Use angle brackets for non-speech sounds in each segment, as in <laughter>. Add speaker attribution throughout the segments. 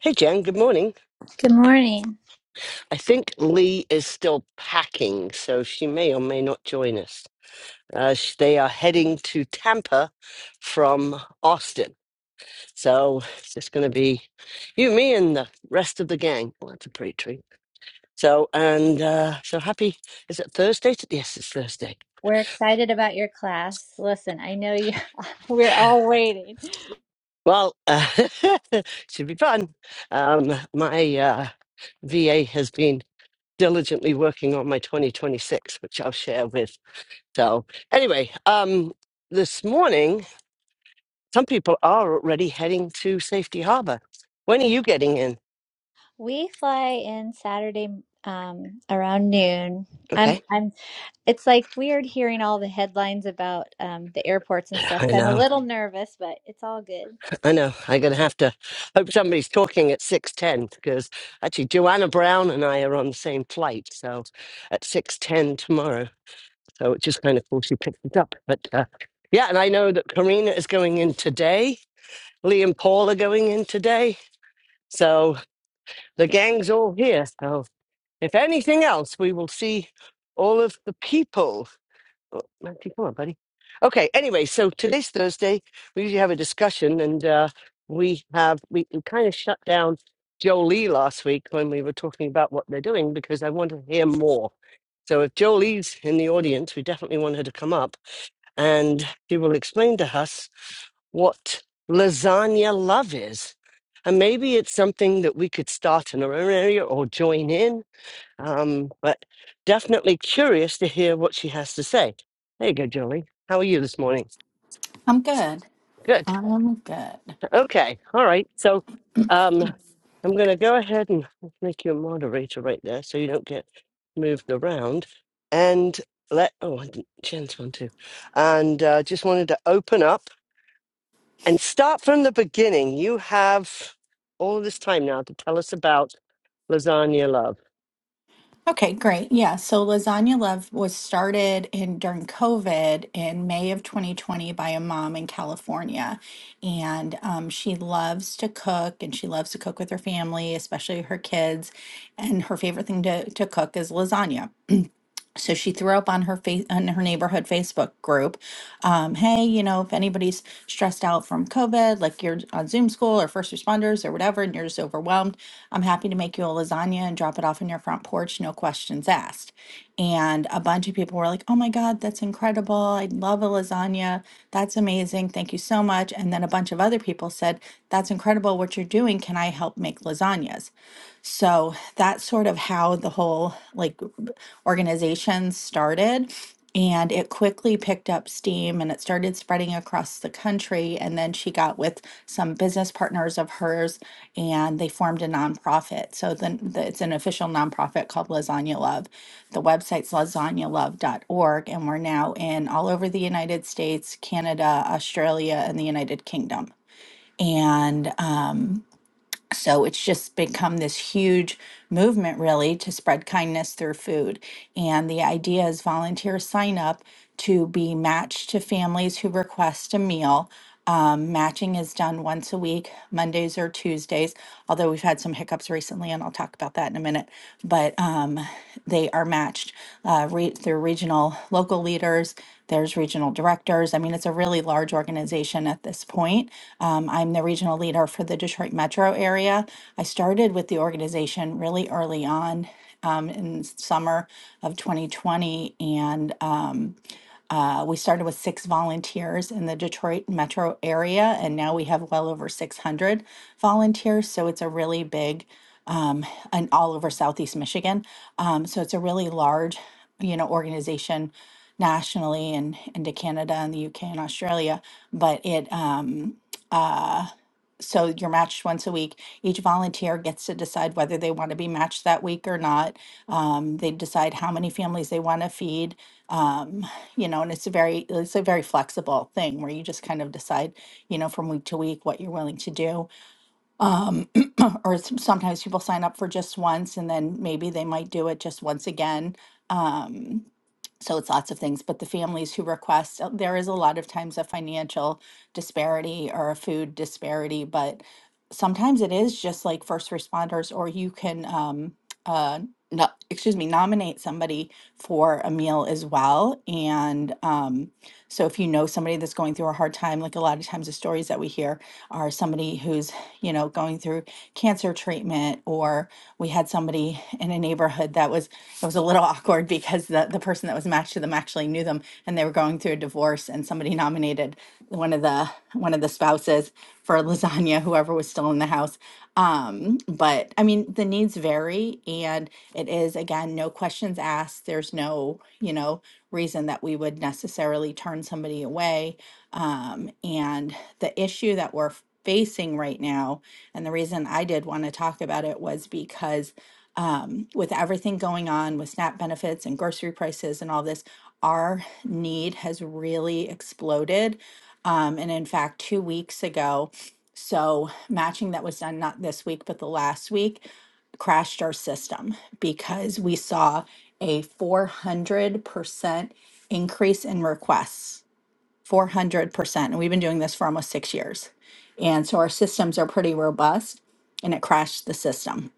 Speaker 1: Hey, Jen, good morning.
Speaker 2: Good morning.
Speaker 1: I think Lee is still packing, so she may or may not join us. Uh, sh- they are heading to Tampa from Austin. So it's just going to be you, me, and the rest of the gang. Well, that's a pretty treat. So, and uh, so happy. Is it Thursday? t- Yes, it's Thursday.
Speaker 2: We're excited about your class. Listen, I know you <laughs> we're all waiting.
Speaker 1: Well, uh, <laughs> should be fun. Um, my uh, VA has been diligently working on my 2026, which I'll share with So anyway, um, this morning, some people are already heading to Safety Harbor. When are you getting in?
Speaker 2: We fly in Saturday um around noon. I'm
Speaker 1: Okay,
Speaker 2: I'm it's like weird hearing all the headlines about um the airports and stuff.
Speaker 1: I
Speaker 2: So I'm a
Speaker 1: know,
Speaker 2: little nervous, but it's all good.
Speaker 1: I know. I'm gonna have to hope somebody's talking at six ten because actually Joanna Brown and I are on the same flight, so at six ten tomorrow. So it's just kind of cool she picked it up. But uh, yeah, and I know that Karina is going in today. Lee and Paul are going in today. So the gang's all here. So. If anything else, we will see all of the people. Oh, Matthew, come on, buddy. Okay, anyway, so today's Thursday. We usually have a discussion, and uh, we have we, we kind of shut down Jolie last week when we were talking about what they're doing because I want to hear more. So if Jolie's in the audience, we definitely want her to come up and she will explain to us what lasagna love is. And maybe it's something that we could start in our own area or join in um, but definitely curious to hear what she has to say. There you go, Jolie. How are you this morning?
Speaker 3: I'm good.
Speaker 1: Good.
Speaker 3: I'm good.
Speaker 1: Okay. All right. So um, I'm going to go ahead and make you a moderator right there so you don't get moved around. And let, oh, I didn't, Jen's one too. And uh, just wanted to open up and start from the beginning. You have all this time now to tell us about Lasagna Love.
Speaker 3: Okay, great. Yeah. So Lasagna Love was started in during COVID in May of 2020 by a mom in California. And um, she loves to cook and she loves to cook with her family, especially her kids. And her favorite thing to, to cook is lasagna. so she threw up on her face on her neighborhood Facebook group, um, hey, you know, if anybody's stressed out from COVID, like you're on Zoom school or first responders or whatever, and you're just overwhelmed, I'm happy to make you a lasagna and drop it off on your front porch, no questions asked. And a bunch of people were like, oh my God, that's incredible. I love a lasagna. That's amazing. Thank you so much. And then a bunch of other people said, that's incredible what you're doing. Can I help make lasagnas? So that's sort of how the whole like organization started. And it quickly picked up steam and it started spreading across the country. And then she got with some business partners of hers and they formed a nonprofit. So then the, it's an official nonprofit called Lasagna Love. The website's lasagnalove.org. And we're now in all over the United States, Canada, Australia, and the United Kingdom. And so it's just become this huge movement, really, to spread kindness through food. And the idea is volunteers sign up to be matched to families who request a meal. Um, matching is done once a week, Mondays or Tuesdays, although we've had some hiccups recently, and I'll talk about that in a minute. But um, they are matched uh, re- through regional local leaders there's regional directors. I mean, it's a really large organization at this point. Um, I'm the regional leader for the Detroit metro area. I started with the organization really early on um, in summer of 2020, and um, uh, we started with six volunteers in the Detroit metro area, and now we have well over 600 volunteers. So it's a really big, um, and all over Southeast Michigan. Um, so it's a really large, you know, organization nationally and into Canada and the UK and Australia. But it, um, uh, so you're matched once a week. Each volunteer gets to decide whether they want to be matched that week or not. Um, they decide how many families they want to feed. Um, you know, and it's a very it's a very flexible thing where you just kind of decide, you know, from week to week what you're willing to do. Um, <clears throat> or some, sometimes people sign up for just once, and then maybe they might do it just once again. Um, so it's lots of things. But the families who request, uh, there is a lot of times a financial disparity or a food disparity, but sometimes it is just like first responders, or you can. Um, uh, no, excuse me, nominate somebody for a meal as well. And um, so if you know somebody that's going through a hard time, like a lot of times the stories that we hear are somebody who's, you know, going through cancer treatment or we had somebody in a neighborhood that was it was a little <laughs> awkward because the the person that was matched to them actually knew them and they were going through a divorce and somebody nominated one of the one of the spouses for lasagna whoever was still in the house um but i mean the needs vary and it is again no questions asked there's no you know reason that we would necessarily turn somebody away. Um, and the issue that we're facing right now, and the reason I did want to talk about it was because um, with everything going on with SNAP benefits and grocery prices and all this, our need has really exploded. Um, and in fact, two weeks ago, so matching that was done not this week, but the last week crashed our system because we saw a 400% increase in requests. 400%. And we've been doing this for almost six years. And so our systems are pretty robust, and it crashed the system.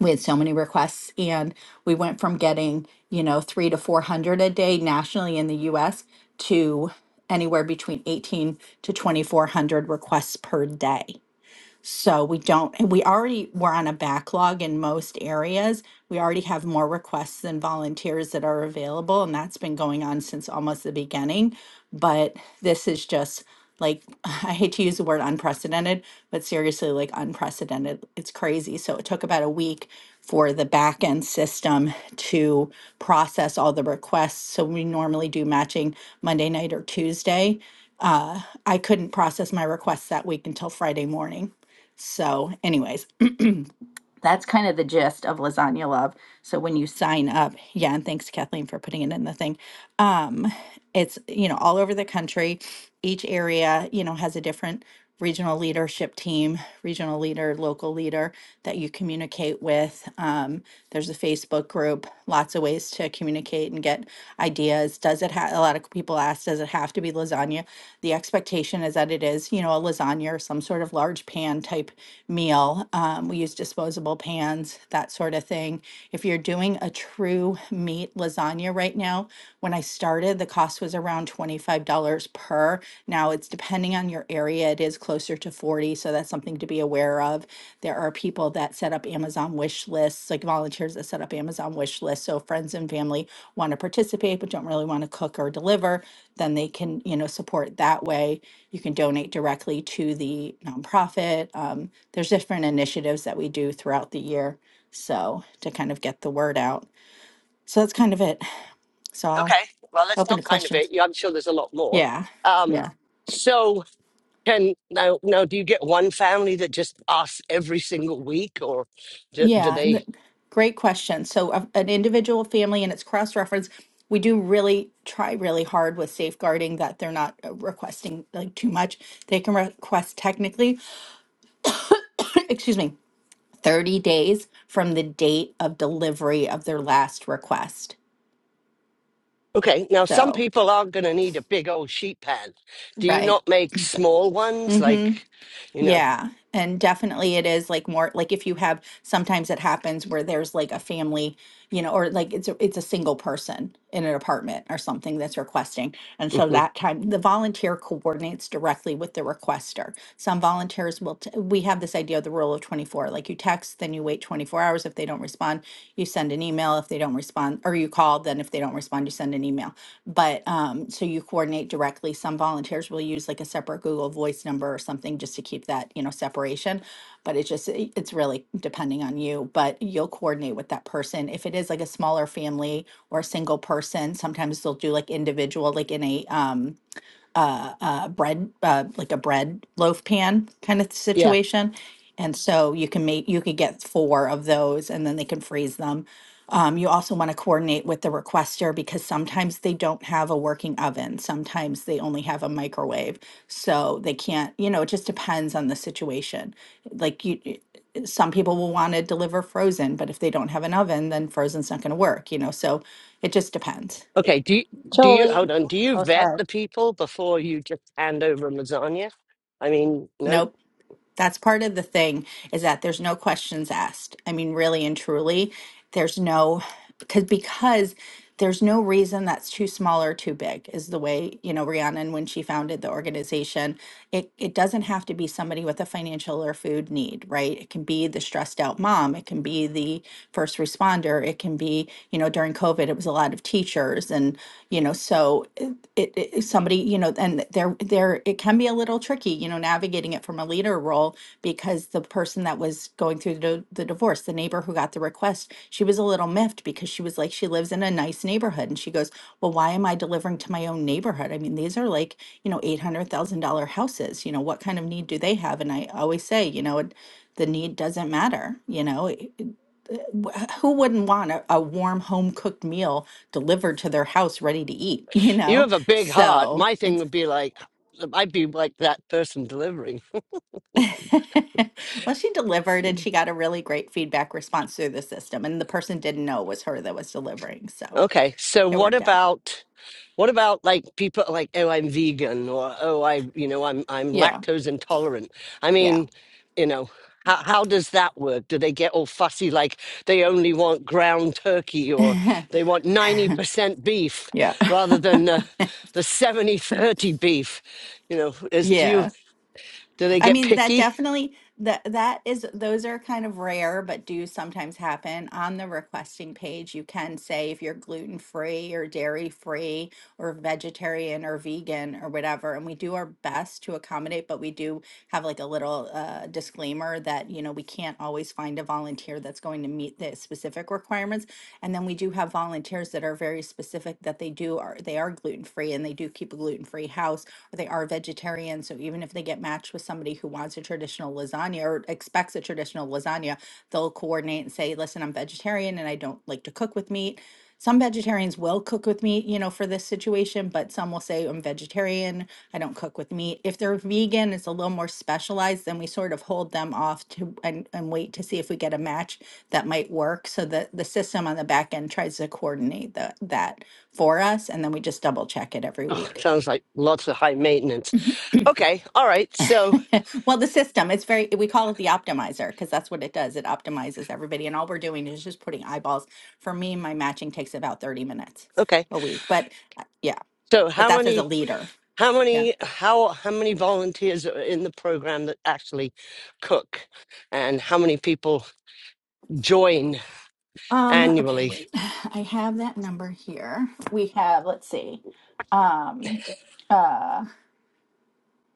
Speaker 3: We had so many requests, and we went from getting, you know, three to 400 a day nationally in the US to anywhere between 18 to 2400 requests per day so we don't, and we already were on a backlog in most areas. We already have more requests than volunteers that are available, and that's been going on since almost the beginning. But this is just like, <laughs> I hate to use the word unprecedented, but seriously, like unprecedented. It's crazy. So it took about a week for the back end system to process all the requests. So we normally do matching Monday night or Tuesday. Uh, I couldn't process my requests that week until Friday morning. So, anyways, that's kind of the gist of Lasagna Love. So when you sign up, yeah, and thanks Kathleen for putting it in the thing. Um, it's, you know, all over the country. Each area, you know, has a different regional leadership team, regional leader, local leader that you communicate with. Um, there's a Facebook group, lots of ways to communicate and get ideas. Does it have a lot of people ask, does it have to be lasagna? The expectation is that it is, you know, a lasagna or some sort of large pan type meal. Um, we use disposable pans, that sort of thing. If you're doing a true meat lasagna right right now. When I started, the cost was around $25 per. Now it's depending on your area, it is closer to 40, dollars, so that's something to be aware of. There are people that set up Amazon wish lists, like volunteers that set up Amazon wish lists. So if friends and family want to participate but don't really want to cook or deliver, then they can, you know, support that way. You can donate directly to the nonprofit. Um, there's different initiatives that we do throughout the year. So to kind of get the word out. So that's kind of it. So I'll
Speaker 1: Okay. Well, let's
Speaker 3: Open to
Speaker 1: not kind of it.
Speaker 3: questions.
Speaker 1: Yeah, I'm sure there's a lot more.
Speaker 3: Yeah,
Speaker 1: Um,
Speaker 3: yeah,
Speaker 1: so can now now do you get one family that just asks every single week, or do, do
Speaker 3: yeah.
Speaker 1: they?
Speaker 3: th- Great question. So, a- an individual family and its cross reference, we do really try really hard with safeguarding that they're not uh, requesting like too much. They can request technically, <coughs> excuse me, 30 days from the date of delivery of their last request.
Speaker 1: Okay. Now some
Speaker 3: So,
Speaker 1: people aren't going to need a big old sheet pan. Do you
Speaker 3: right.
Speaker 1: not make small ones like, you know?
Speaker 3: Yeah, and definitely it is like more like if you have sometimes it happens where there's like a family, you know, or like it's a, it's a single person in an apartment or something that's requesting. And so
Speaker 1: Mhm.
Speaker 3: that time the volunteer coordinates directly with the requester. Some volunteers will t we have this idea of the rule of 24, like you text, then you wait 24 hours if they don't respond, you send an email if they don't respond, or you call, then if they don't respond, you send an email. But um, so you coordinate directly. Some volunteers will use like a separate Google Voice number or something just to keep that, you know, separation. But it just, it- it's really depending on you, but you'll coordinate with that person. If it is like a smaller family or a single person, sometimes they'll do like individual, like in a, um, a bread uh, like a bread loaf pan kind of
Speaker 1: yeah.
Speaker 3: situation and so you can make you could get four of those and then they can freeze them um, you also want to coordinate with the requester because sometimes they don't have a working oven sometimes they only have a microwave so they can't you know it just depends on the situation like you you- some people will want to deliver frozen but if they don't have an oven then frozen's not going to work you know so it just depends
Speaker 1: Okay. Do you, do you
Speaker 2: Jolie.
Speaker 1: hold on? Do you
Speaker 2: Oh,
Speaker 1: vet
Speaker 2: sorry.
Speaker 1: the people before you just hand over lasagna? I mean, no.
Speaker 3: nope That's part of the thing is that there's no questions asked. I mean, really and truly, there's no because because there's no reason that's too small or too big is the way you know Rhiannon when she founded the organization. It it doesn't have to be somebody with a financial or food need, right? It can be the stressed out mom. It can be the first responder. It can be you know during COVID it was a lot of teachers and you know so so it, it, it- somebody you know and there there it can be a little tricky you know navigating it from a leader role because the person that was going through the, the divorce the neighbor who got the request she was a little miffed because she was like she lives in a nice neighborhood and she goes well why am i delivering to my own neighborhood i mean these are like you know $800000 houses you know what kind of need do they have and i always say you know it- the need doesn't matter you know wh- who wouldn't want a, a warm home cooked meal delivered to their house ready to eat, <laughs> you
Speaker 1: You
Speaker 3: know?
Speaker 1: have a big heart.
Speaker 3: So
Speaker 1: My thing
Speaker 3: it's,
Speaker 1: would be like, I'd be like that person delivering.
Speaker 3: <laughs> well, she delivered and she got a really great feedback response through the system. And the person didn't know it was her that was delivering. So
Speaker 1: Okay, so
Speaker 3: it
Speaker 1: what
Speaker 3: worked out.
Speaker 1: about what about like people like oh I'm vegan or oh I you know I'm I'm
Speaker 3: Yeah.
Speaker 1: lactose intolerant. I
Speaker 3: Yeah.
Speaker 1: mean, you know, how how does that work? Do they get all fussy like they only want ground turkey or
Speaker 3: <laughs>
Speaker 1: they want 90% beef
Speaker 3: yeah. <laughs>
Speaker 1: rather than the the seventy thirty beef? You know, is do you
Speaker 3: Yeah.
Speaker 1: do they
Speaker 3: I
Speaker 1: get
Speaker 3: mean, that
Speaker 1: picky?
Speaker 3: definitely that that is those are kind of rare, but do sometimes happen. On the requesting page, you can say if you're gluten free or dairy free or vegetarian or vegan or whatever, and we do our best to accommodate, but we do have like a little uh, disclaimer that you know we can't always find a volunteer that's going to meet the specific requirements, and then we do have volunteers that are very specific that they do are they are gluten free and they do keep a gluten free house or they are vegetarian vegetarian, so even if they get matched with somebody who wants a traditional lasagna or expects a traditional lasagna, they'll coordinate and say, "Listen, I'm vegetarian and I don't like to cook with meat." Some vegetarians will cook with meat, you know, for this situation, but some will say, "I'm vegetarian, I don't cook with meat." If they're vegan, it's a little more specialized, then we sort of hold them off to and, and wait to see if we get a match that might work so that the system on the back end tries to coordinate the, that for us and then we just double check it every
Speaker 1: Oh,
Speaker 3: week.
Speaker 1: sounds like lots of high maintenance. Okay, all right. So,
Speaker 3: <laughs> Well, the system, it's very, we call it the optimizer because that's what it does. It optimizes everybody. And all we're doing is just putting eyeballs. For me, my matching takes about 30 minutes
Speaker 1: okay.
Speaker 3: a week. But uh, yeah,
Speaker 1: So
Speaker 3: but
Speaker 1: how
Speaker 3: that's as a
Speaker 1: many?
Speaker 3: leader.
Speaker 1: How
Speaker 3: Yeah.
Speaker 1: many how how many volunteers are in the program that actually cook, and how many people join
Speaker 3: Um, okay,
Speaker 1: annually?
Speaker 3: wait. <sighs> I have that number here. We have, let's see. Um, uh,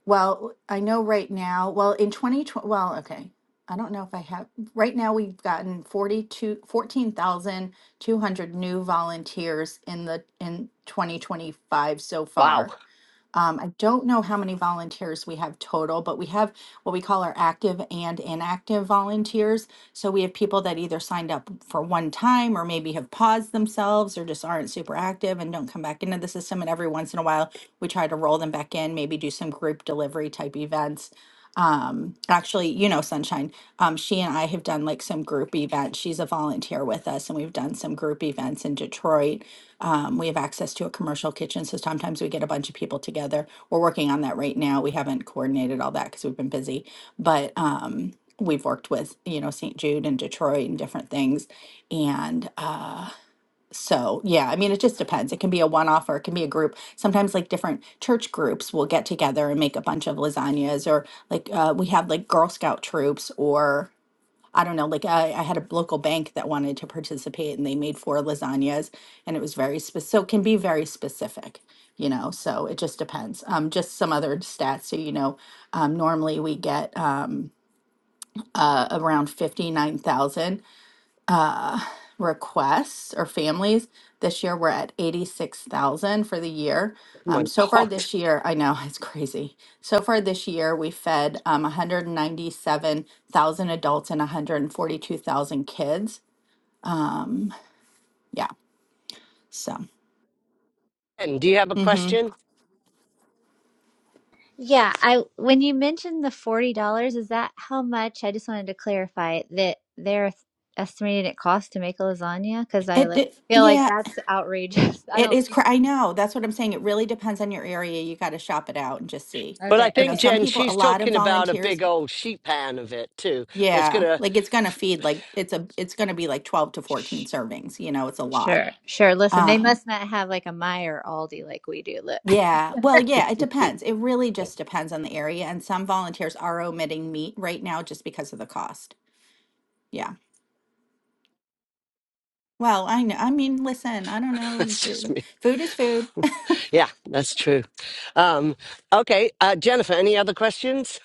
Speaker 3: Well, I know right now, well, in 2020, well, okay. I don't know if I have, right now we've gotten forty two, fourteen thousand two hundred new volunteers in the, in 2025 so
Speaker 1: Wow,
Speaker 3: far. Um, I don't know how many volunteers we have total, but we have what we call our active and inactive volunteers. So we have people that either signed up for one time or maybe have paused themselves or just aren't super active and don't come back into the system. And every once in a while, we try to roll them back in, maybe do some group delivery type events um, actually, you know, Sunshine, um, she and I have done like some group events. She's a volunteer with us, and we've done some group events in Detroit. Um, we have access to a commercial kitchen, so sometimes we get a bunch of people together. We're working on that right now. We haven't coordinated all that because we've been busy, but um, we've worked with, you know, St. Jude and Detroit and different things. And uh, so, yeah, I mean, it just depends. It can be a one-off or it can be a group. Sometimes, like, different church groups will get together and make a bunch of lasagnas, or like, uh, we have like Girl Scout troops, or I don't know, like, I, I had a local bank that wanted to participate and they made four lasagnas and it was very specific. So, it can be very specific, you know, so it just depends. Um, just some other stats. So, you know, um, normally we get um, uh, around 59,000 requests or families. This year, we're at 86,000 for the year.
Speaker 1: oh
Speaker 3: Um,
Speaker 1: my
Speaker 3: so far
Speaker 1: God!
Speaker 3: this year, I know <laughs> it's crazy. So far this year, we fed um, 197,000 adults and 142,000 kids. Yeah. So,
Speaker 1: And do you have a
Speaker 3: hmm
Speaker 1: question?
Speaker 2: Yeah, I when you mentioned the $40, is that how much? I just wanted to clarify that they're estimating it costs to make a lasagna because I
Speaker 3: it,
Speaker 2: like,
Speaker 3: it,
Speaker 2: feel like
Speaker 3: yeah,
Speaker 2: that's outrageous. <laughs> I
Speaker 3: it
Speaker 2: don't
Speaker 3: is.
Speaker 2: think
Speaker 3: Cra- I know. That's what I'm saying. It really depends on your area. You got to shop it out and just see.
Speaker 1: But I
Speaker 2: Okay,
Speaker 3: You know,
Speaker 1: think
Speaker 2: okay.
Speaker 3: some
Speaker 1: Jen,
Speaker 3: people, a
Speaker 1: she's
Speaker 3: lot of
Speaker 1: talking about a
Speaker 3: volunteers,
Speaker 1: big old sheet pan of it too. That's
Speaker 3: yeah,
Speaker 1: gonna
Speaker 3: like it's going to feed like it's a, it's going to be like 12 to 14
Speaker 2: Sh-
Speaker 3: servings. You know, it's a lot
Speaker 2: Sure, sure. Listen, they
Speaker 3: Um,
Speaker 2: must not have like a Meyer Aldi like we do. Look. <laughs>
Speaker 3: yeah, well, yeah, it
Speaker 1: <laughs>
Speaker 3: depends. It really just depends on the area, and some volunteers are omitting meat right now just because of the cost. Yeah. Well, I know. I mean, listen, I don't know.
Speaker 1: That's just
Speaker 3: b-
Speaker 1: me. <laughs>
Speaker 3: Food is food.
Speaker 1: Yeah, that's true. Um, okay, uh, Jennifer, any other questions?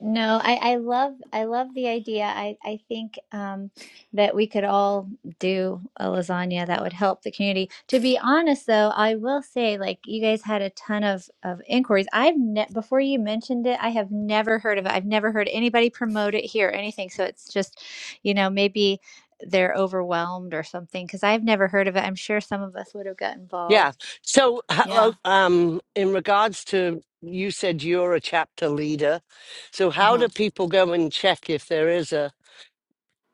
Speaker 2: No, I, I love I love the idea. I, I think um, that we could all do a lasagna that would help the community. To be honest, though, I will say like you guys had a ton of of inquiries. I've ne- before you mentioned it, I have never heard of it. I've never heard anybody promote it here or anything. So it's just, you know, maybe they're overwhelmed or something because I've never heard of it. I'm sure some of us would have got
Speaker 1: Yeah.
Speaker 2: involved.
Speaker 1: So, how,
Speaker 3: Yeah.
Speaker 1: um, in regards to you said you're a chapter leader, so how
Speaker 3: Uh-huh.
Speaker 1: do people go and check if there is a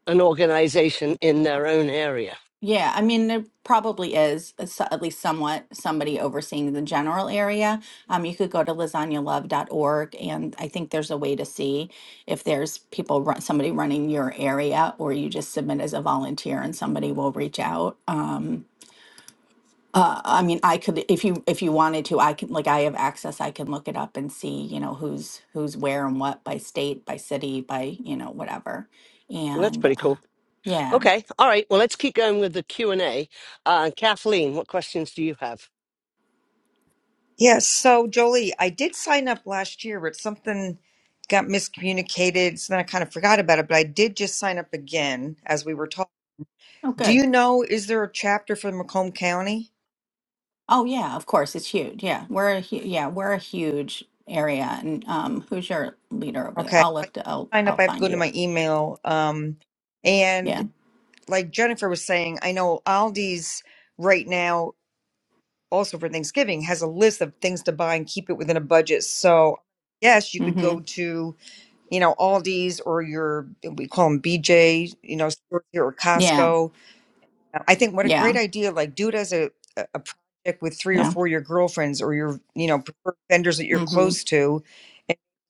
Speaker 1: an organization in their own area?
Speaker 3: Yeah, I mean, there probably is uh, so- at least somewhat somebody overseeing the general area. Um, you could go to lasagna love. dot Org, and I think there's a way to see if there's people run, somebody running your area, or you just submit as a volunteer, and somebody will reach out. Um. Uh, I mean, I could, if you if you wanted to, I can like I have access. I can look it up and see, you know, who's who's where and what by state, by city, by you know whatever.
Speaker 1: Well, that's
Speaker 3: And
Speaker 1: pretty
Speaker 3: uh,
Speaker 1: cool.
Speaker 3: yeah,
Speaker 1: Okay. All right. Well, let's keep going with the Q and A. Uh, Kathleen, what questions do you have?
Speaker 4: Yes. So, Jolie, I did sign up last year, but something got miscommunicated. So then I kind of forgot about it, but I did just sign up again as we were talking.
Speaker 3: oh
Speaker 4: Do
Speaker 3: good.
Speaker 4: you know, is there a chapter for Macomb County?
Speaker 3: Oh yeah, of course it's huge. Yeah, we're a hu- yeah we're a huge area. And um, who's your leader over there?
Speaker 4: Okay.
Speaker 3: I'll
Speaker 4: If
Speaker 3: look. To, I'll
Speaker 4: I sign up,
Speaker 3: I'll
Speaker 4: I have to
Speaker 3: find
Speaker 4: go to
Speaker 3: you.
Speaker 4: my email. Um,
Speaker 3: Yeah.
Speaker 4: and like Jennifer was saying, I know Aldi's right now, also for Thanksgiving, has a list of things to buy and keep it within a budget. So, yes, you could go
Speaker 3: Mm-hmm.
Speaker 4: to you know, Aldi's or your, we call them BJ, you know, stores here or
Speaker 3: Yeah.
Speaker 4: Costco. Uh, I think what a
Speaker 3: Yeah.
Speaker 4: great idea, like do it as a, a a project with three or
Speaker 3: Yeah.
Speaker 4: four of your girlfriends or your, you know, preferred vendors that you're
Speaker 3: Mm-hmm.
Speaker 4: close to,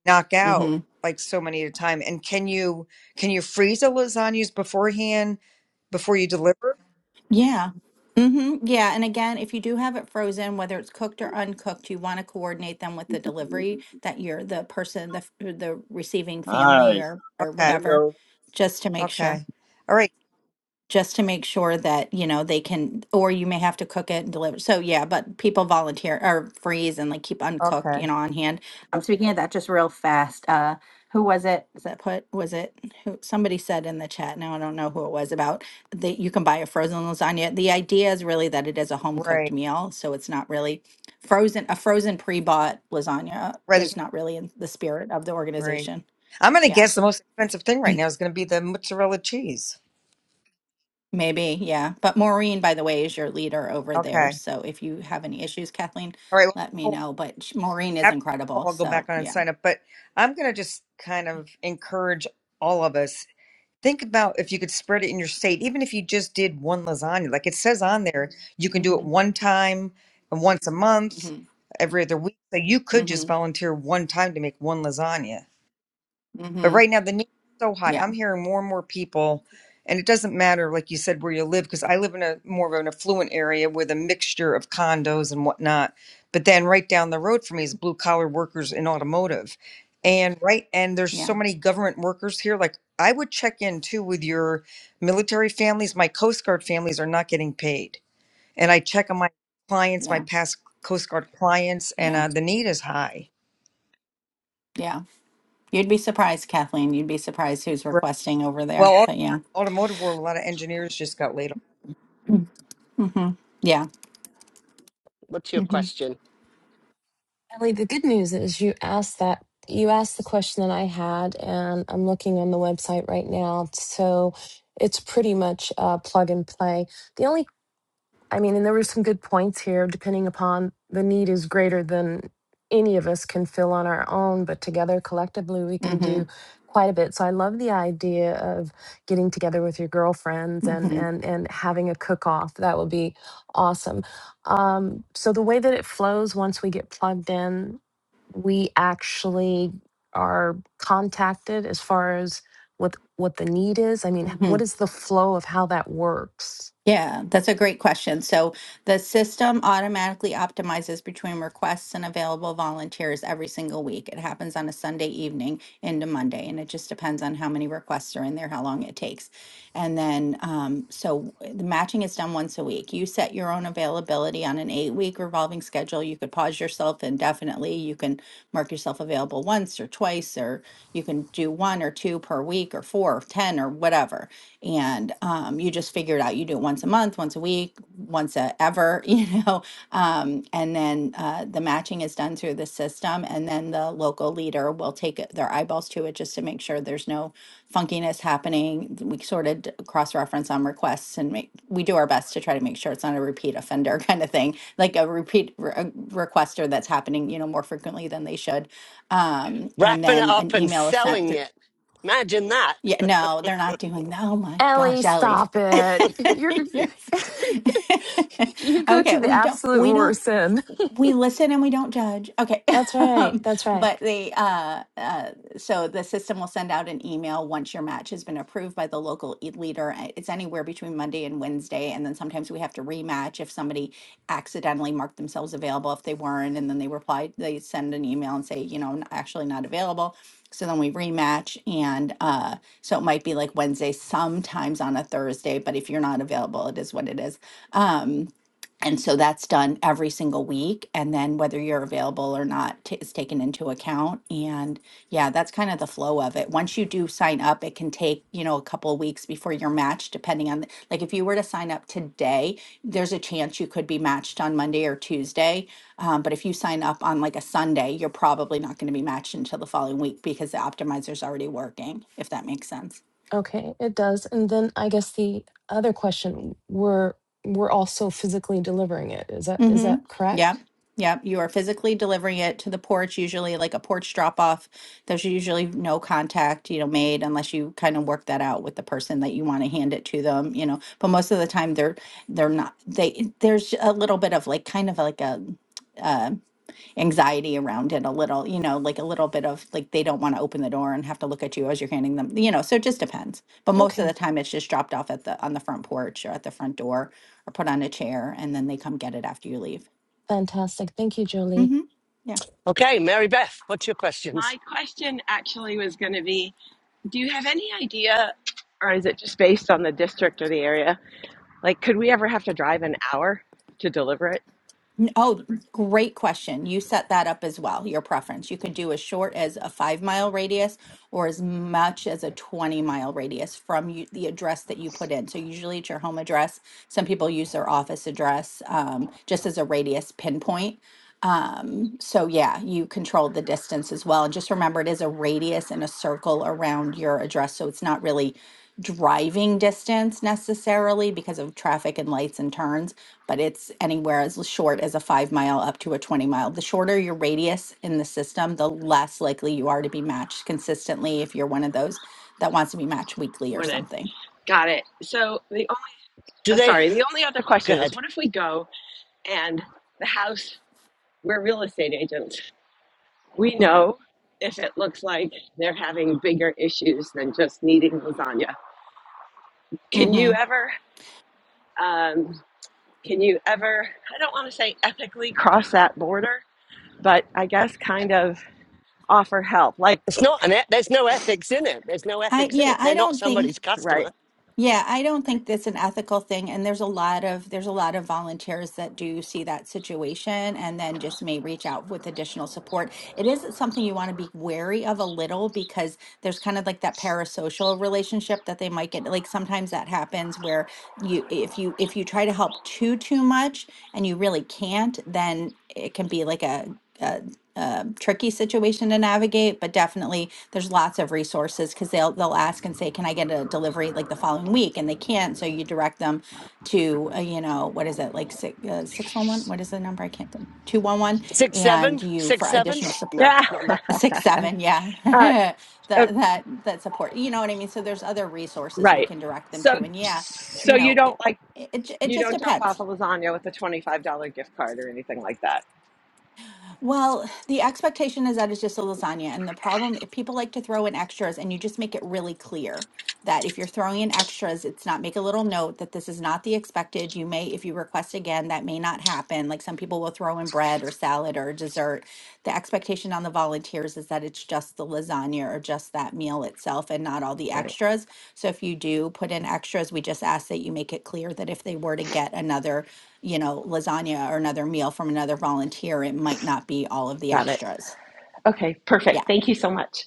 Speaker 4: knock
Speaker 3: Mm-hmm.
Speaker 4: out like so many at a time. And can you, can you freeze the lasagnas beforehand before you deliver?
Speaker 3: Yeah. Mm-hmm. Yeah. And again, if you do have it frozen, whether it's cooked or uncooked, you want to coordinate them with the delivery that you're the person, the f- the receiving family
Speaker 5: Hi.
Speaker 3: or or
Speaker 4: Okay.
Speaker 3: whatever,
Speaker 5: Hello.
Speaker 3: just to make sure
Speaker 4: Okay. All right.
Speaker 3: just to make sure that you know they can or you may have to cook it and deliver so yeah but people volunteer or freeze and like keep uncooked you
Speaker 4: Okay.
Speaker 3: know on hand um speaking of that just real fast uh who was it was that put was it who somebody said in the chat now i don't know who it was about that you can buy a frozen lasagna the idea is really that it is a home cooked
Speaker 4: Right.
Speaker 3: meal so it's not really frozen a frozen pre-bought lasagna
Speaker 4: Right. there's-
Speaker 3: is not really in the spirit of the
Speaker 4: Right.
Speaker 3: organization
Speaker 4: I'm going to
Speaker 3: yeah
Speaker 4: guess the most expensive thing right now is going to be the mozzarella cheese.
Speaker 3: Maybe, yeah. But Maureen, by the way, is your leader over there.
Speaker 4: Okay.
Speaker 3: So if you have any issues, Kathleen,
Speaker 4: All right.
Speaker 3: let
Speaker 4: well,
Speaker 3: me know. But sh- Maureen is
Speaker 4: after this
Speaker 3: incredible.
Speaker 4: call, I'll go back
Speaker 3: So
Speaker 4: on and
Speaker 3: yeah.
Speaker 4: sign up. But I'm going to just kind of encourage all of us. Think about if you could spread it in your state, even if you just did one lasagna. Like it says on there, you can do it
Speaker 3: Mm-hmm.
Speaker 4: one time and once a month,
Speaker 3: Mm-hmm.
Speaker 4: every other week. So you could just
Speaker 3: Mm-hmm.
Speaker 4: volunteer one time to make one lasagna. But
Speaker 3: Mm-hmm.
Speaker 4: right now, the need is so high.
Speaker 3: Yeah.
Speaker 4: I'm hearing more and more people, and it doesn't matter, like you said, where you live, because I live in a more of an affluent area with a mixture of condos and whatnot. But then right down the road from me is blue collar workers in automotive. And right, and there's
Speaker 3: Yeah.
Speaker 4: so many government workers here. Like I would check in too with your military families. My Coast Guard families are not getting paid. And I check on my clients, my
Speaker 3: Yeah.
Speaker 4: past Coast Guard clients, and
Speaker 3: Yeah.
Speaker 4: uh, the need is high.
Speaker 3: Yeah. You'd be surprised, Kathleen. You'd be surprised who's
Speaker 4: Right.
Speaker 3: requesting over
Speaker 4: Well,
Speaker 3: there.
Speaker 4: also,
Speaker 3: But yeah. <clears throat>
Speaker 4: automotive world, a lot of engineers just got laid
Speaker 3: Mm-hmm. Yeah.
Speaker 1: What's your
Speaker 3: Mm-hmm.
Speaker 1: question?
Speaker 6: Ellie, the good news is you asked that you asked the question that I had, and I'm looking on the website right now. So it's pretty much uh, plug and play. The only I mean, and there were some good points here, depending upon the need is greater than any of us can fill on our own, but together collectively we can do
Speaker 3: Mm-hmm.
Speaker 6: quite a bit. So I love the idea of getting together with your girlfriends and and and having a cook off. That would be awesome. Um, so the way that it flows once we get plugged in, we actually are contacted as far as what what the need is. I mean,
Speaker 3: Mm-hmm.
Speaker 6: what is the flow of how that works?
Speaker 3: Yeah, that's a great question. So the system automatically optimizes between requests and available volunteers every single week. It happens on a Sunday evening into Monday, and it just depends on how many requests are in there, how long it takes. And then, um, so eh, the matching is done once a week. You set your own availability on an eight week revolving schedule. You could pause yourself indefinitely. You can mark yourself available once or twice or you can do one or two per week or four or 10 or whatever. And um, you just figure it out. You do it once a month, once a week, once a ever, <laughs> you know. Um, and then uh, the matching is done through the system. And then the local leader will take it- their eyeballs to it just to make sure there's no funkiness happening. We sort of cross reference on requests and make, we do our best to try to make sure it's not a repeat offender <laughs> kind of thing, like a repeat re- a requester that's happening, you know, more frequently than they should um, and
Speaker 1: Wrapping it
Speaker 3: then
Speaker 1: up
Speaker 3: an
Speaker 1: and
Speaker 3: email is sent
Speaker 1: selling
Speaker 3: through.
Speaker 1: it. Imagine that.
Speaker 3: Yeah, no, they're not doing that. Oh my
Speaker 6: Ellie,
Speaker 3: gosh, Ellie.
Speaker 6: stop
Speaker 3: <laughs>
Speaker 6: it. You're <laughs>
Speaker 3: Yes.
Speaker 6: you
Speaker 3: <laughs>
Speaker 6: go to
Speaker 3: Okay,
Speaker 6: the
Speaker 3: we don't
Speaker 6: absolute
Speaker 3: we don't
Speaker 6: worst end.
Speaker 3: we listen and we don't judge. Okay. <laughs>
Speaker 6: That's right.
Speaker 3: Um,
Speaker 6: That's right.
Speaker 3: but they, uh, uh, so the system will send out an email once your match has been approved by the local e- leader. Uh, It's anywhere between Monday and Wednesday. And then sometimes we have to rematch if somebody accidentally marked themselves available if they weren't. And then they reply, they send an email and say, you know, "N- actually not available. So then we rematch. And uh, so it might be like Wednesday, sometimes on a Thursday. But if you're not available, it is what it is. Um, and so that's done every single week. And then whether you're available or not t- is taken into account. And yeah, that's kind of the flow of it. Once you do sign up, it can take, you know, a couple of weeks before you're matched, depending on, the, like if you were to sign up today, there's a chance you could be matched on Monday or Tuesday. Um, but if you sign up on like a Sunday, you're probably not going to be matched until the following week because the optimizer's already working, if that makes sense.
Speaker 6: Okay, it does. And then I guess the other question we're we're also physically delivering it. Is that is
Speaker 3: Mm-hmm.
Speaker 6: that
Speaker 3: Yep.
Speaker 6: correct?
Speaker 3: Yep. You are physically delivering it to the porch, usually like a porch drop off. There's usually no contact, you know, made unless you kind of work that out with the person that you want to hand it to them, you know. But most of the time they're they're not they there's a little bit of like kind of like a um, anxiety around it a little, you know, like a little bit of like they don't want to open the door and have to look at you as you're handing them, you know, so it just depends. But most of
Speaker 6: Okay.
Speaker 3: the time it's just dropped off at the on the front porch or at the front door or put on a chair and then they come get it after you leave.
Speaker 6: Fantastic. Thank you, Jolie.
Speaker 3: Mhm. Yeah.
Speaker 1: Okay, Mary Beth, what's your questions?
Speaker 7: My question actually was going to be Do you have any idea, or is it just based on the district or the area? Like, could we ever have to drive an hour to deliver it?
Speaker 3: N- Oh, great question. You set that up as well, your preference. You can do as short as a five mile radius or as much as a 20 mile radius from you, the address that you put in. So, usually it's your home address. Some people use their office address um, just as a radius pinpoint. Um, so yeah, you control the distance as well. And just remember it is a radius and a circle around your address. So it's not really driving distance necessarily because of traffic and lights and turns, but it's anywhere as short as a five mile up to a 20 mile. The shorter your radius in the system, the less likely you are to be matched consistently if you're one of those that wants to be matched weekly or
Speaker 7: Morning.
Speaker 3: something.
Speaker 7: Got it. So, the only,
Speaker 1: Do
Speaker 7: uh,
Speaker 1: they
Speaker 7: sorry, the only other
Speaker 1: go
Speaker 7: question is
Speaker 1: ahead?
Speaker 7: what if we go and the house, we're real estate agents, we know if it looks like they're having bigger issues than just needing lasagna. Can you
Speaker 3: hmm
Speaker 7: ever, um, can you ever, I don't want to say ethically cross that border, but I guess kind of offer help. Like,
Speaker 1: It's not an e- there's no ethics in it. There's no
Speaker 3: I
Speaker 1: ethics in
Speaker 3: yeah,
Speaker 1: it.
Speaker 3: I
Speaker 1: They're not
Speaker 3: don't think.
Speaker 1: somebody's
Speaker 7: right.
Speaker 1: customer.
Speaker 3: Yeah, I don't think that's an ethical thing. And there's a lot of there's a lot of volunteers that do see that situation and then just may reach out with additional support. It is something you want to be wary of a little because there's kind of like that parasocial relationship that they might get. Like sometimes that happens where you if you if you try to help too too much and you really can't, then it can be like a, um, tricky situation to navigate, but definitely there's lots of resources because they'll they'll ask and say, "Can I get a delivery like the following week?" And they can't, so you direct them to uh, you know what is it like six uh, six one one? What is the number? I can't think two one one,
Speaker 1: Six
Speaker 3: and
Speaker 1: seven,
Speaker 3: you
Speaker 1: six
Speaker 3: for
Speaker 1: seven.
Speaker 3: additional support
Speaker 1: No,
Speaker 7: Yeah.
Speaker 1: not
Speaker 7: <laughs>
Speaker 1: that.
Speaker 3: six seven yeah <laughs>
Speaker 7: Uh,
Speaker 3: that
Speaker 7: uh,
Speaker 3: that that support you know what i mean so there's other resources we
Speaker 7: right.
Speaker 3: can direct them
Speaker 7: So,
Speaker 3: to and yeah you
Speaker 7: so you
Speaker 3: know
Speaker 7: don't
Speaker 3: it
Speaker 7: like,
Speaker 3: it, it
Speaker 7: you
Speaker 3: just
Speaker 7: don't drop
Speaker 3: depends
Speaker 7: off a lasagna with a $25 gift card or anything like that.
Speaker 3: Well, the expectation is that it's just a lasagna. And the problem, if people like to throw in extras and you just make it really clear that if you're throwing in extras, it's not, make a little note that this is not the expected. You may, if you request again, that may not happen. Like some people will throw in bread or salad or dessert. The expectation on the volunteers is that it's just the lasagna or just that meal itself and not all the
Speaker 7: Right.
Speaker 3: extras. So if you do put in extras, we just ask that you make it clear that if they were to get another you know, lasagna or another meal from another volunteer, it might not be all of the
Speaker 7: Got it.
Speaker 3: extras.
Speaker 7: Okay. Perfect.
Speaker 3: Yeah.
Speaker 7: Thank you so much.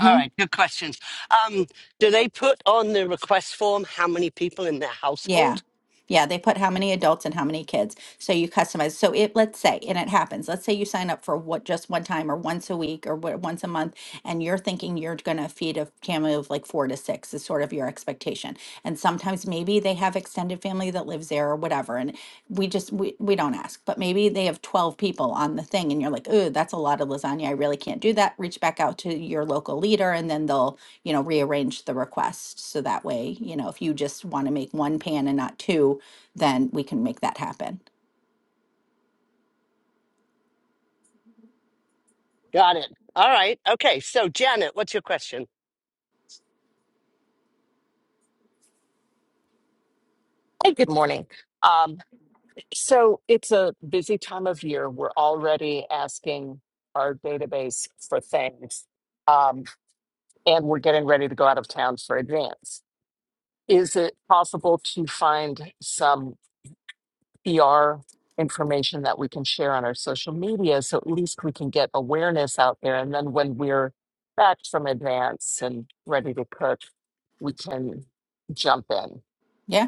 Speaker 1: All right, good questions. Um, do they put on the request form how many people in their
Speaker 3: Yeah.
Speaker 1: household?
Speaker 3: Yeah. They put how many adults and how many kids. So you customize. So it, let's say, and it happens, let's say you sign up for what just one time or once a week or what, once a month, and you're thinking you're going to feed a family of like four to six is sort of your expectation. And sometimes maybe they have extended family that lives there or whatever. And we just we, we don't ask but maybe they have 12 people on the thing and you're like oh that's a lot of lasagna i really can't do that reach back out to your local leader and then they'll you know rearrange the request so that way you know if you just want to make one pan and not two then we can make that happen
Speaker 1: Got it. All right. Okay. So Janet, what's your question?
Speaker 8: Hey, good morning. Um, so it's a busy time of year. We're already asking our database for things, um, and we're getting ready to go out of town for advance. Is it possible to find some ER information that we can share on our social media so at least we can get awareness out there? And then when we're back from advance and ready to cook, we can jump in.
Speaker 3: Yeah.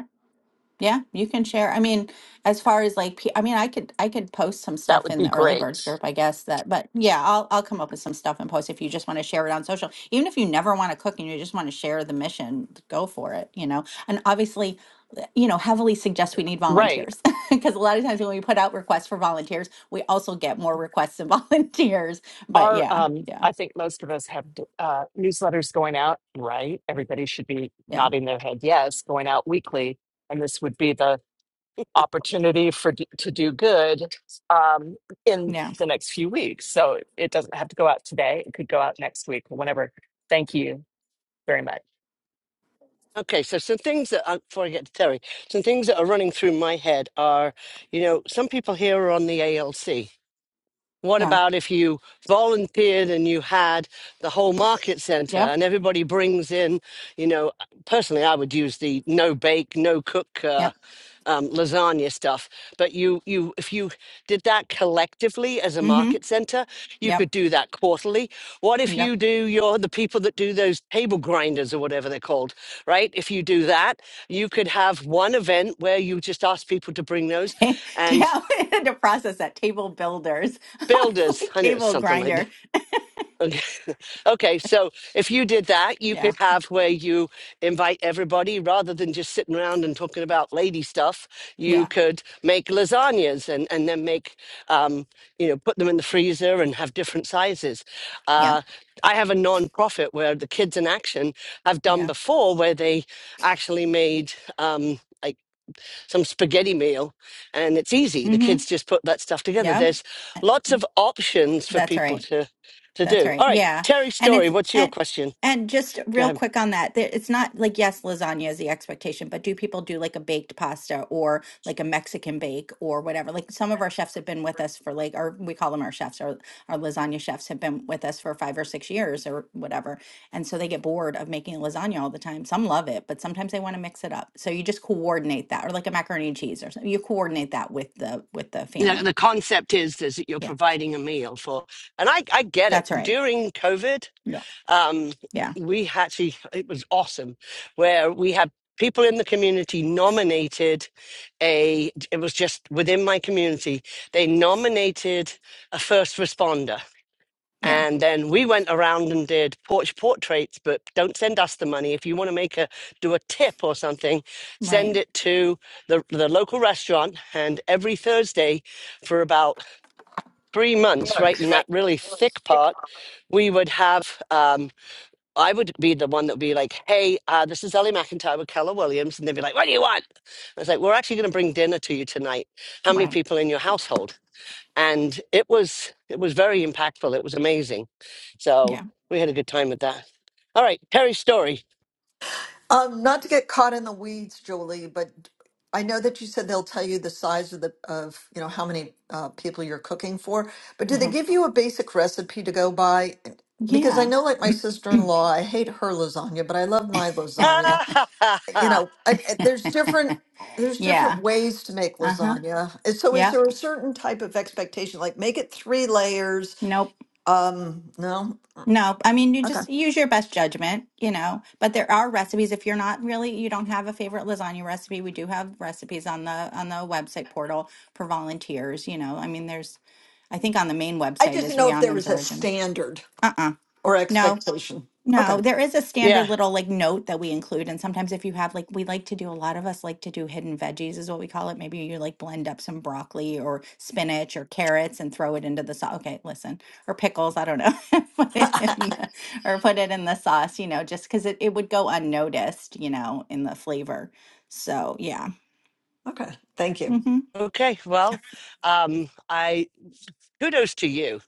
Speaker 3: Yeah, you can share. I mean, as far as like, pe- I mean, I could I could post some
Speaker 8: That
Speaker 3: stuff
Speaker 8: would
Speaker 3: in
Speaker 8: be
Speaker 3: the early birds
Speaker 8: great.
Speaker 3: group, I guess that. But yeah, I'll I'll come up with some stuff and post if you just want to share it on social. Even if you never want to cook and you just want to share the mission, go for it. You know, and obviously, uh, you know, heavily suggest we need
Speaker 8: Right.
Speaker 3: volunteers <laughs> because a lot of times when we put out requests for volunteers, we also get more requests than <laughs> volunteers. But
Speaker 8: our
Speaker 3: yeah,
Speaker 8: um
Speaker 3: yeah,
Speaker 8: i think most of us have uh newsletters going out right everybody should be
Speaker 3: yeah,
Speaker 8: nodding their head yes going out weekly and this would be the opportunity for d- to do good um in
Speaker 3: yeah,
Speaker 8: the next few weeks so it doesn't have to go out today it could go out next week or whenever thank you very much
Speaker 1: Okay, so some things that, uh, before I get to Terry, some things that are running through my head are, you know, some people here are on the ALC. What
Speaker 3: yeah.
Speaker 1: about if you volunteered and you had the whole market center
Speaker 3: Yep.
Speaker 1: and everybody brings in, you know, personally, I would use the no bake, no cook uh,
Speaker 3: Yep.
Speaker 1: um, lasagna stuff. But you, you, if you did that collectively as a
Speaker 3: Mm-hmm.
Speaker 1: market center, you
Speaker 3: Yep.
Speaker 1: could do that quarterly. What if
Speaker 3: Yep.
Speaker 1: you do your, the people that do those table grinders or whatever they're called, right? If you do that, you could have one event where you just ask people to bring those
Speaker 3: ta- <laughs>
Speaker 1: and
Speaker 3: I had to process that table builders. <laughs> I was
Speaker 1: builders,
Speaker 3: like
Speaker 1: I knew it was
Speaker 3: table
Speaker 1: something like that
Speaker 3: grinder.
Speaker 1: Okay. <laughs> Okay, so if you did that, you could
Speaker 3: Yeah.
Speaker 1: have where you invite everybody rather than just sitting around and talking about lady stuff. You
Speaker 3: Yeah.
Speaker 1: could make lasagnas and, and then make, um, you know, put them in the freezer and have different sizes.
Speaker 3: Yeah.
Speaker 1: Uh, I have a non-profit where the Kids in Action have done
Speaker 3: Yeah.
Speaker 1: before where they actually made. Um, like some spaghetti meal and it's easy the
Speaker 3: Mm-hmm.
Speaker 1: kids just put that stuff together
Speaker 3: Yeah.
Speaker 1: there's lots of options for
Speaker 3: That's
Speaker 1: people
Speaker 3: right.
Speaker 1: to to
Speaker 3: That's
Speaker 1: do
Speaker 3: right.
Speaker 1: all right
Speaker 3: Yeah.
Speaker 1: terry
Speaker 3: And
Speaker 1: story
Speaker 3: it's
Speaker 1: what's your
Speaker 3: and
Speaker 1: question
Speaker 3: and just
Speaker 1: go
Speaker 3: real
Speaker 1: ahead
Speaker 3: quick on that, there- it's not like yes, lasagna is the expectation, but do people do like a baked pasta or like a Mexican bake or whatever? Like some of our chefs have been with us for like, or we call them our chefs, our our lasagna chefs have been with us for five or six years or whatever, and so they get bored of making lasagna all the time. Some love it, but sometimes they want to mix it up. So you just coordinate that, or like a macaroni and cheese or something. You coordinate that with the with the
Speaker 1: the,
Speaker 3: family.
Speaker 1: the concept is is that you're
Speaker 3: Yeah,
Speaker 1: providing a meal for and i i get it
Speaker 3: that's right.
Speaker 1: during covid
Speaker 3: Yeah,
Speaker 1: um
Speaker 3: yeah,
Speaker 1: we actually it was awesome where we had people in the community nominated a it was just within my community they nominated a first responder
Speaker 3: yeah.
Speaker 1: And then we went around and did porch portraits, but don't send us the money. If you want to make a do a tip or something,
Speaker 3: Right.
Speaker 1: send it to the the local restaurant. And every Thursday, for about three months, right in that really thick part, we would have. Um, I would be the one that would be like, "Hey, uh, this is Ellie McIntyre with Keller Williams," and they'd be like, "What do you want?" I was like, "We're actually going to bring dinner to you tonight. How many
Speaker 3: Right.
Speaker 1: people in your household?" and it was it was very impactful. It was amazing. So
Speaker 3: Yeah.
Speaker 1: we had a good time with that. All right, Terry's story.
Speaker 9: Um, not to get caught in the weeds, Julie, but I know that you said they'll tell you the size of the of you know how many uh, people you're cooking for, but do they
Speaker 3: Uh-huh.
Speaker 9: give you a basic recipe to go by? Because I
Speaker 3: Yeah.
Speaker 9: know, like my sister-in-law, I hate her lasagna, but I love my lasagna.
Speaker 1: <laughs>
Speaker 9: You know, I, I- there's different there's different
Speaker 3: Yeah.
Speaker 9: ways to make
Speaker 3: Uh-huh.
Speaker 9: lasagna. And so, is
Speaker 3: Yeah.
Speaker 9: there a certain type of expectation, like make it three layers?
Speaker 3: Nope.
Speaker 9: Um, no,
Speaker 3: Nope. I mean, you
Speaker 9: okay.
Speaker 3: just use your best judgment, you know. But there are recipes if you're not really you don't have a favorite lasagna recipe. We do have recipes on the on the website portal for volunteers, you know. I mean, there's I think on the main
Speaker 9: I
Speaker 3: website
Speaker 9: just didn't
Speaker 3: is
Speaker 9: know if there
Speaker 3: Rihanna's
Speaker 9: was a
Speaker 3: original.
Speaker 9: standard
Speaker 3: Uh-uh.
Speaker 9: or
Speaker 3: No.
Speaker 9: expectation. Okay.
Speaker 3: No, there is a
Speaker 1: yeah.
Speaker 3: standard little like note that we include. And sometimes if you have like we like to do a lot of us like to do hidden veggies is what we call it. Maybe you like blend up some broccoli or spinach or carrots and throw it into the sauce. Okay, listen, or pickles, I don't know. <laughs> Put it
Speaker 9: <laughs>
Speaker 3: in the, or put it in the sauce, you know, just because it, it would go unnoticed, you know, in the flavor. So yeah.
Speaker 9: Okay. Thank you.
Speaker 3: Mm-hmm.
Speaker 1: Okay. Well, um, I kudos to you.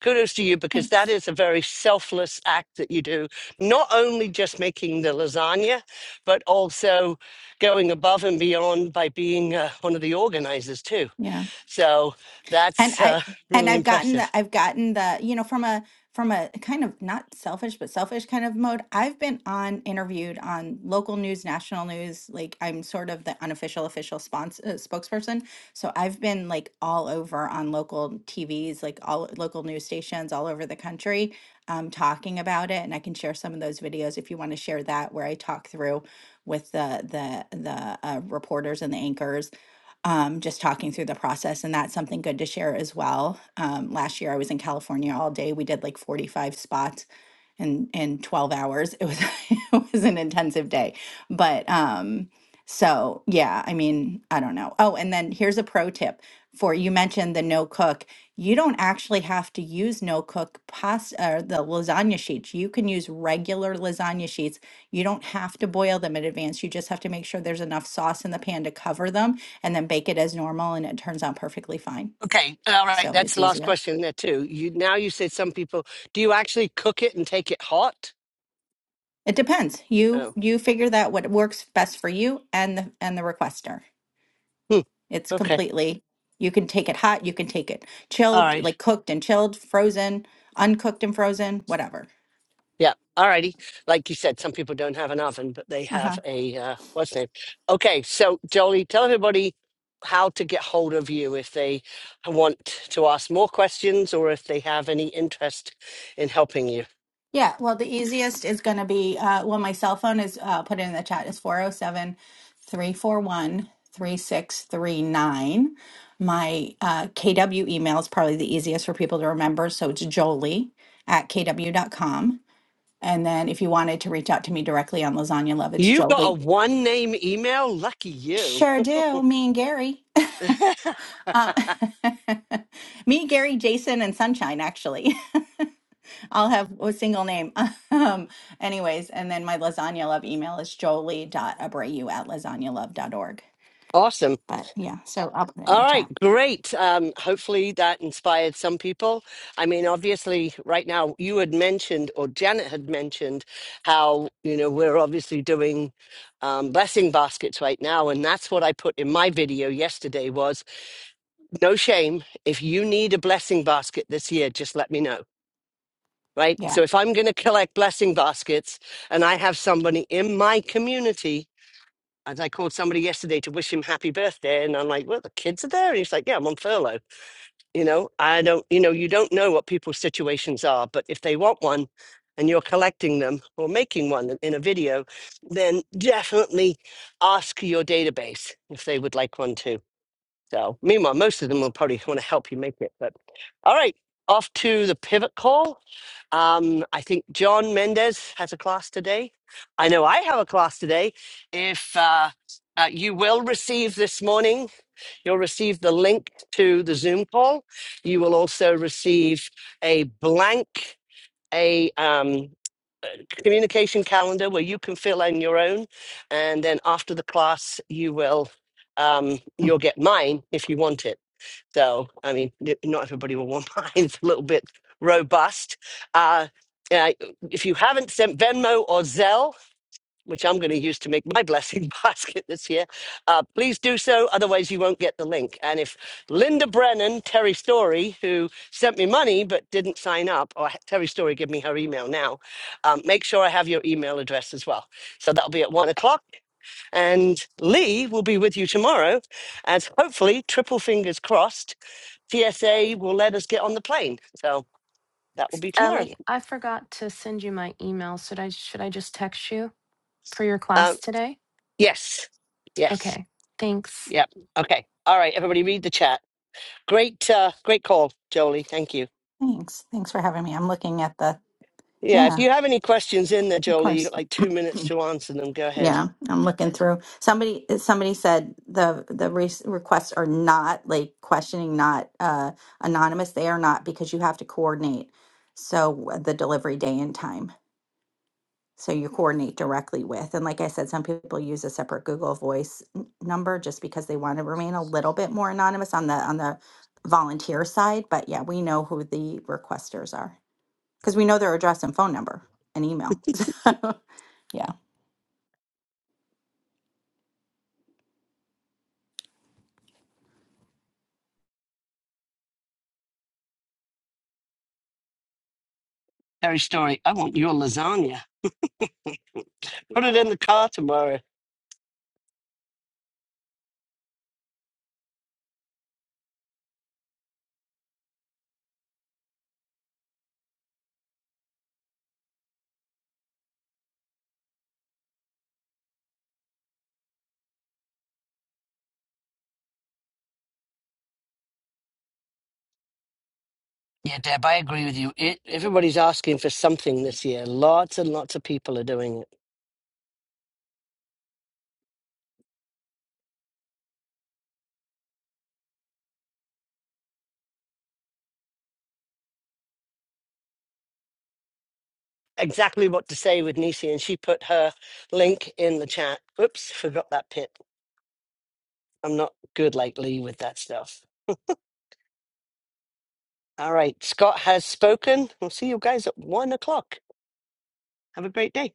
Speaker 1: Kudos to you because that
Speaker 3: Thanks.
Speaker 1: is a very selfless act that you do. Not only just making the lasagna, but also going above and beyond by being uh, one of the organizers too.
Speaker 3: Yeah.
Speaker 1: So
Speaker 3: and
Speaker 1: that's
Speaker 3: i
Speaker 1: uh,
Speaker 3: and
Speaker 1: really
Speaker 3: i've gotten
Speaker 1: impressive.
Speaker 3: the i've gotten the you know from a from a kind of not selfish but selfish kind of mode i've been on interviewed on local news national news like i'm sort of the unofficial official spons- uh, spokesperson so i've been like all over on local tvs like all local news stations all over the country um, talking about it and i can share some of those videos if you want to share that where i talk through with the the the uh, reporters and the anchors um, just talking through the process. And that's something good to share as well. Um, last year, I was in California all day. We did like 45 spots in, in 12 hours. It was, <laughs> it was an intensive day. But um, so, yeah, I mean, I don't know. Oh, and then here's a pro tip for you mentioned the no cook. You don't actually have to use no cook pasta or the lasagna sheets. You can use regular lasagna sheets. You don't have to boil them in advance. You just have to make sure there's enough sauce in the pan to cover them and then bake it as normal and it turns out perfectly fine.
Speaker 1: Okay, all right.
Speaker 3: So
Speaker 1: That's
Speaker 3: it's
Speaker 1: the last
Speaker 3: easier.
Speaker 1: question there too. You now you said some people. Do you actually cook it and take it hot?
Speaker 3: It depends. You
Speaker 1: Oh,
Speaker 3: you figure that what works best for you and the and the requester.
Speaker 1: hmm,
Speaker 3: It's
Speaker 1: okay,
Speaker 3: completely you can take it hot, you can take it
Speaker 1: all
Speaker 3: chilled,
Speaker 1: right,
Speaker 3: like cooked and chilled, frozen, uncooked and frozen, whatever.
Speaker 1: yeah, all righty. Like you said, some people don't have an oven, but they
Speaker 3: Uh-huh.
Speaker 1: have a uh, what's name? Okay, so Jolie, tell everybody how to get hold of you if they want to ask more questions or if they have any interest in helping you.
Speaker 3: Yeah, well, the easiest is going to be uh, well, my cell phone is uh, put in the chat is 407 341 3639. My uh, KW email is probably the easiest for people to remember. So it's jolie at kw dot com. And then if you wanted to reach out to me directly on Lasagna Love, it's
Speaker 1: You got a
Speaker 3: jolie.
Speaker 1: one name email. Lucky you.
Speaker 3: Sure do. Me and Gary. <laughs>
Speaker 1: <laughs>
Speaker 3: Um, <laughs> me, Gary, Jason, and Sunshine, actually. <laughs> I'll have a single name. <laughs> Um, anyways, and then my Lasagna Love email is jolie.abreu at lasagna.love.org.
Speaker 1: Awesome.
Speaker 3: But yeah, so I'll put it in
Speaker 1: All
Speaker 3: the
Speaker 1: right,
Speaker 3: chat.
Speaker 1: great. Um, hopefully that inspired some people. I mean, obviously, right now you had mentioned, or Janet had mentioned, how you know we're obviously doing um, blessing baskets right now, and that's what I put in my video yesterday. Was no shame. If you need a blessing basket this year, just let me know. Right.
Speaker 3: Yeah.
Speaker 1: So if I'm going to collect blessing baskets, and I have somebody in my community. As I called somebody yesterday to wish him happy birthday, and I'm like, "Well, the kids are there," and he's like, "Yeah, I'm on furlough." You know, I don't, you know, you don't know what people's situations are, but if they want one and you're collecting them or making one in a video, then definitely ask your database if they would like one too. So, meanwhile, most of them will probably want to help you make it. But all right, off to the pivot call. Um, I think John Mendez has a class today. I know I have a class today. If uh, uh, you will receive this morning. You'll receive the link to the Zoom call. You will also receive a blank a um, communication calendar where you can fill in your own, and then after the class, you will um,
Speaker 3: Mm.
Speaker 1: you'll get mine if you want it. So I mean, n- not everybody will want <laughs> mine. It's a little bit robust. Uh, uh, if you haven't sent Venmo or Zelle, which I'm going to use to make my blessing <laughs> basket this year, uh, please do so. Otherwise, you won't get the link. And if Linda Brennan, Terry Story, who sent me money but didn't sign up, or Terry Story, give me her email now, um, make sure I have your email address as well. So that'll be at one o'clock. And Lee will be with you tomorrow as hopefully, triple fingers crossed, TSA will let us get on the plane. So that will be tomorrow.
Speaker 6: Ellie, I forgot to send you my email. Should I should I just text you for your
Speaker 1: Um,
Speaker 6: class today?
Speaker 1: yes. Yes.
Speaker 6: Okay. Thanks.
Speaker 1: Yep. Okay. All right. Everybody read the chat. Great, uh, great call, Jolie. Thank you.
Speaker 3: Thanks. Thanks for having me. I'm looking at the,
Speaker 1: Yeah, if
Speaker 3: yeah,
Speaker 1: you have any questions in there,
Speaker 3: of
Speaker 1: Jolie, you
Speaker 3: course.
Speaker 1: got like two minutes to answer them. Go ahead.
Speaker 3: Yeah, I'm looking through. Somebody somebody said the the re- requests are not like questioning, not uh anonymous. They are not because you have to coordinate. So the delivery day and time. so you coordinate directly with. And like I said, some people use a separate Google Voice n- number just because they want to remain a little bit more anonymous on the on the volunteer side. But yeah, we know who the requesters are because we know their address and phone number and email. <laughs> So, yeah.
Speaker 1: Harry Story, I want your lasagna. Put it in the car tomorrow. Yeah, Deb, I agree with you. It, everybody's asking for something this year. Lots and lots of people are doing it. Exactly what to say with Nisi, and she put her link in the chat. Oops, forgot that pit. I'm not good like Lee with that stuff. All right, Scott has spoken. We'll see you guys at one o'clock. Have a great day.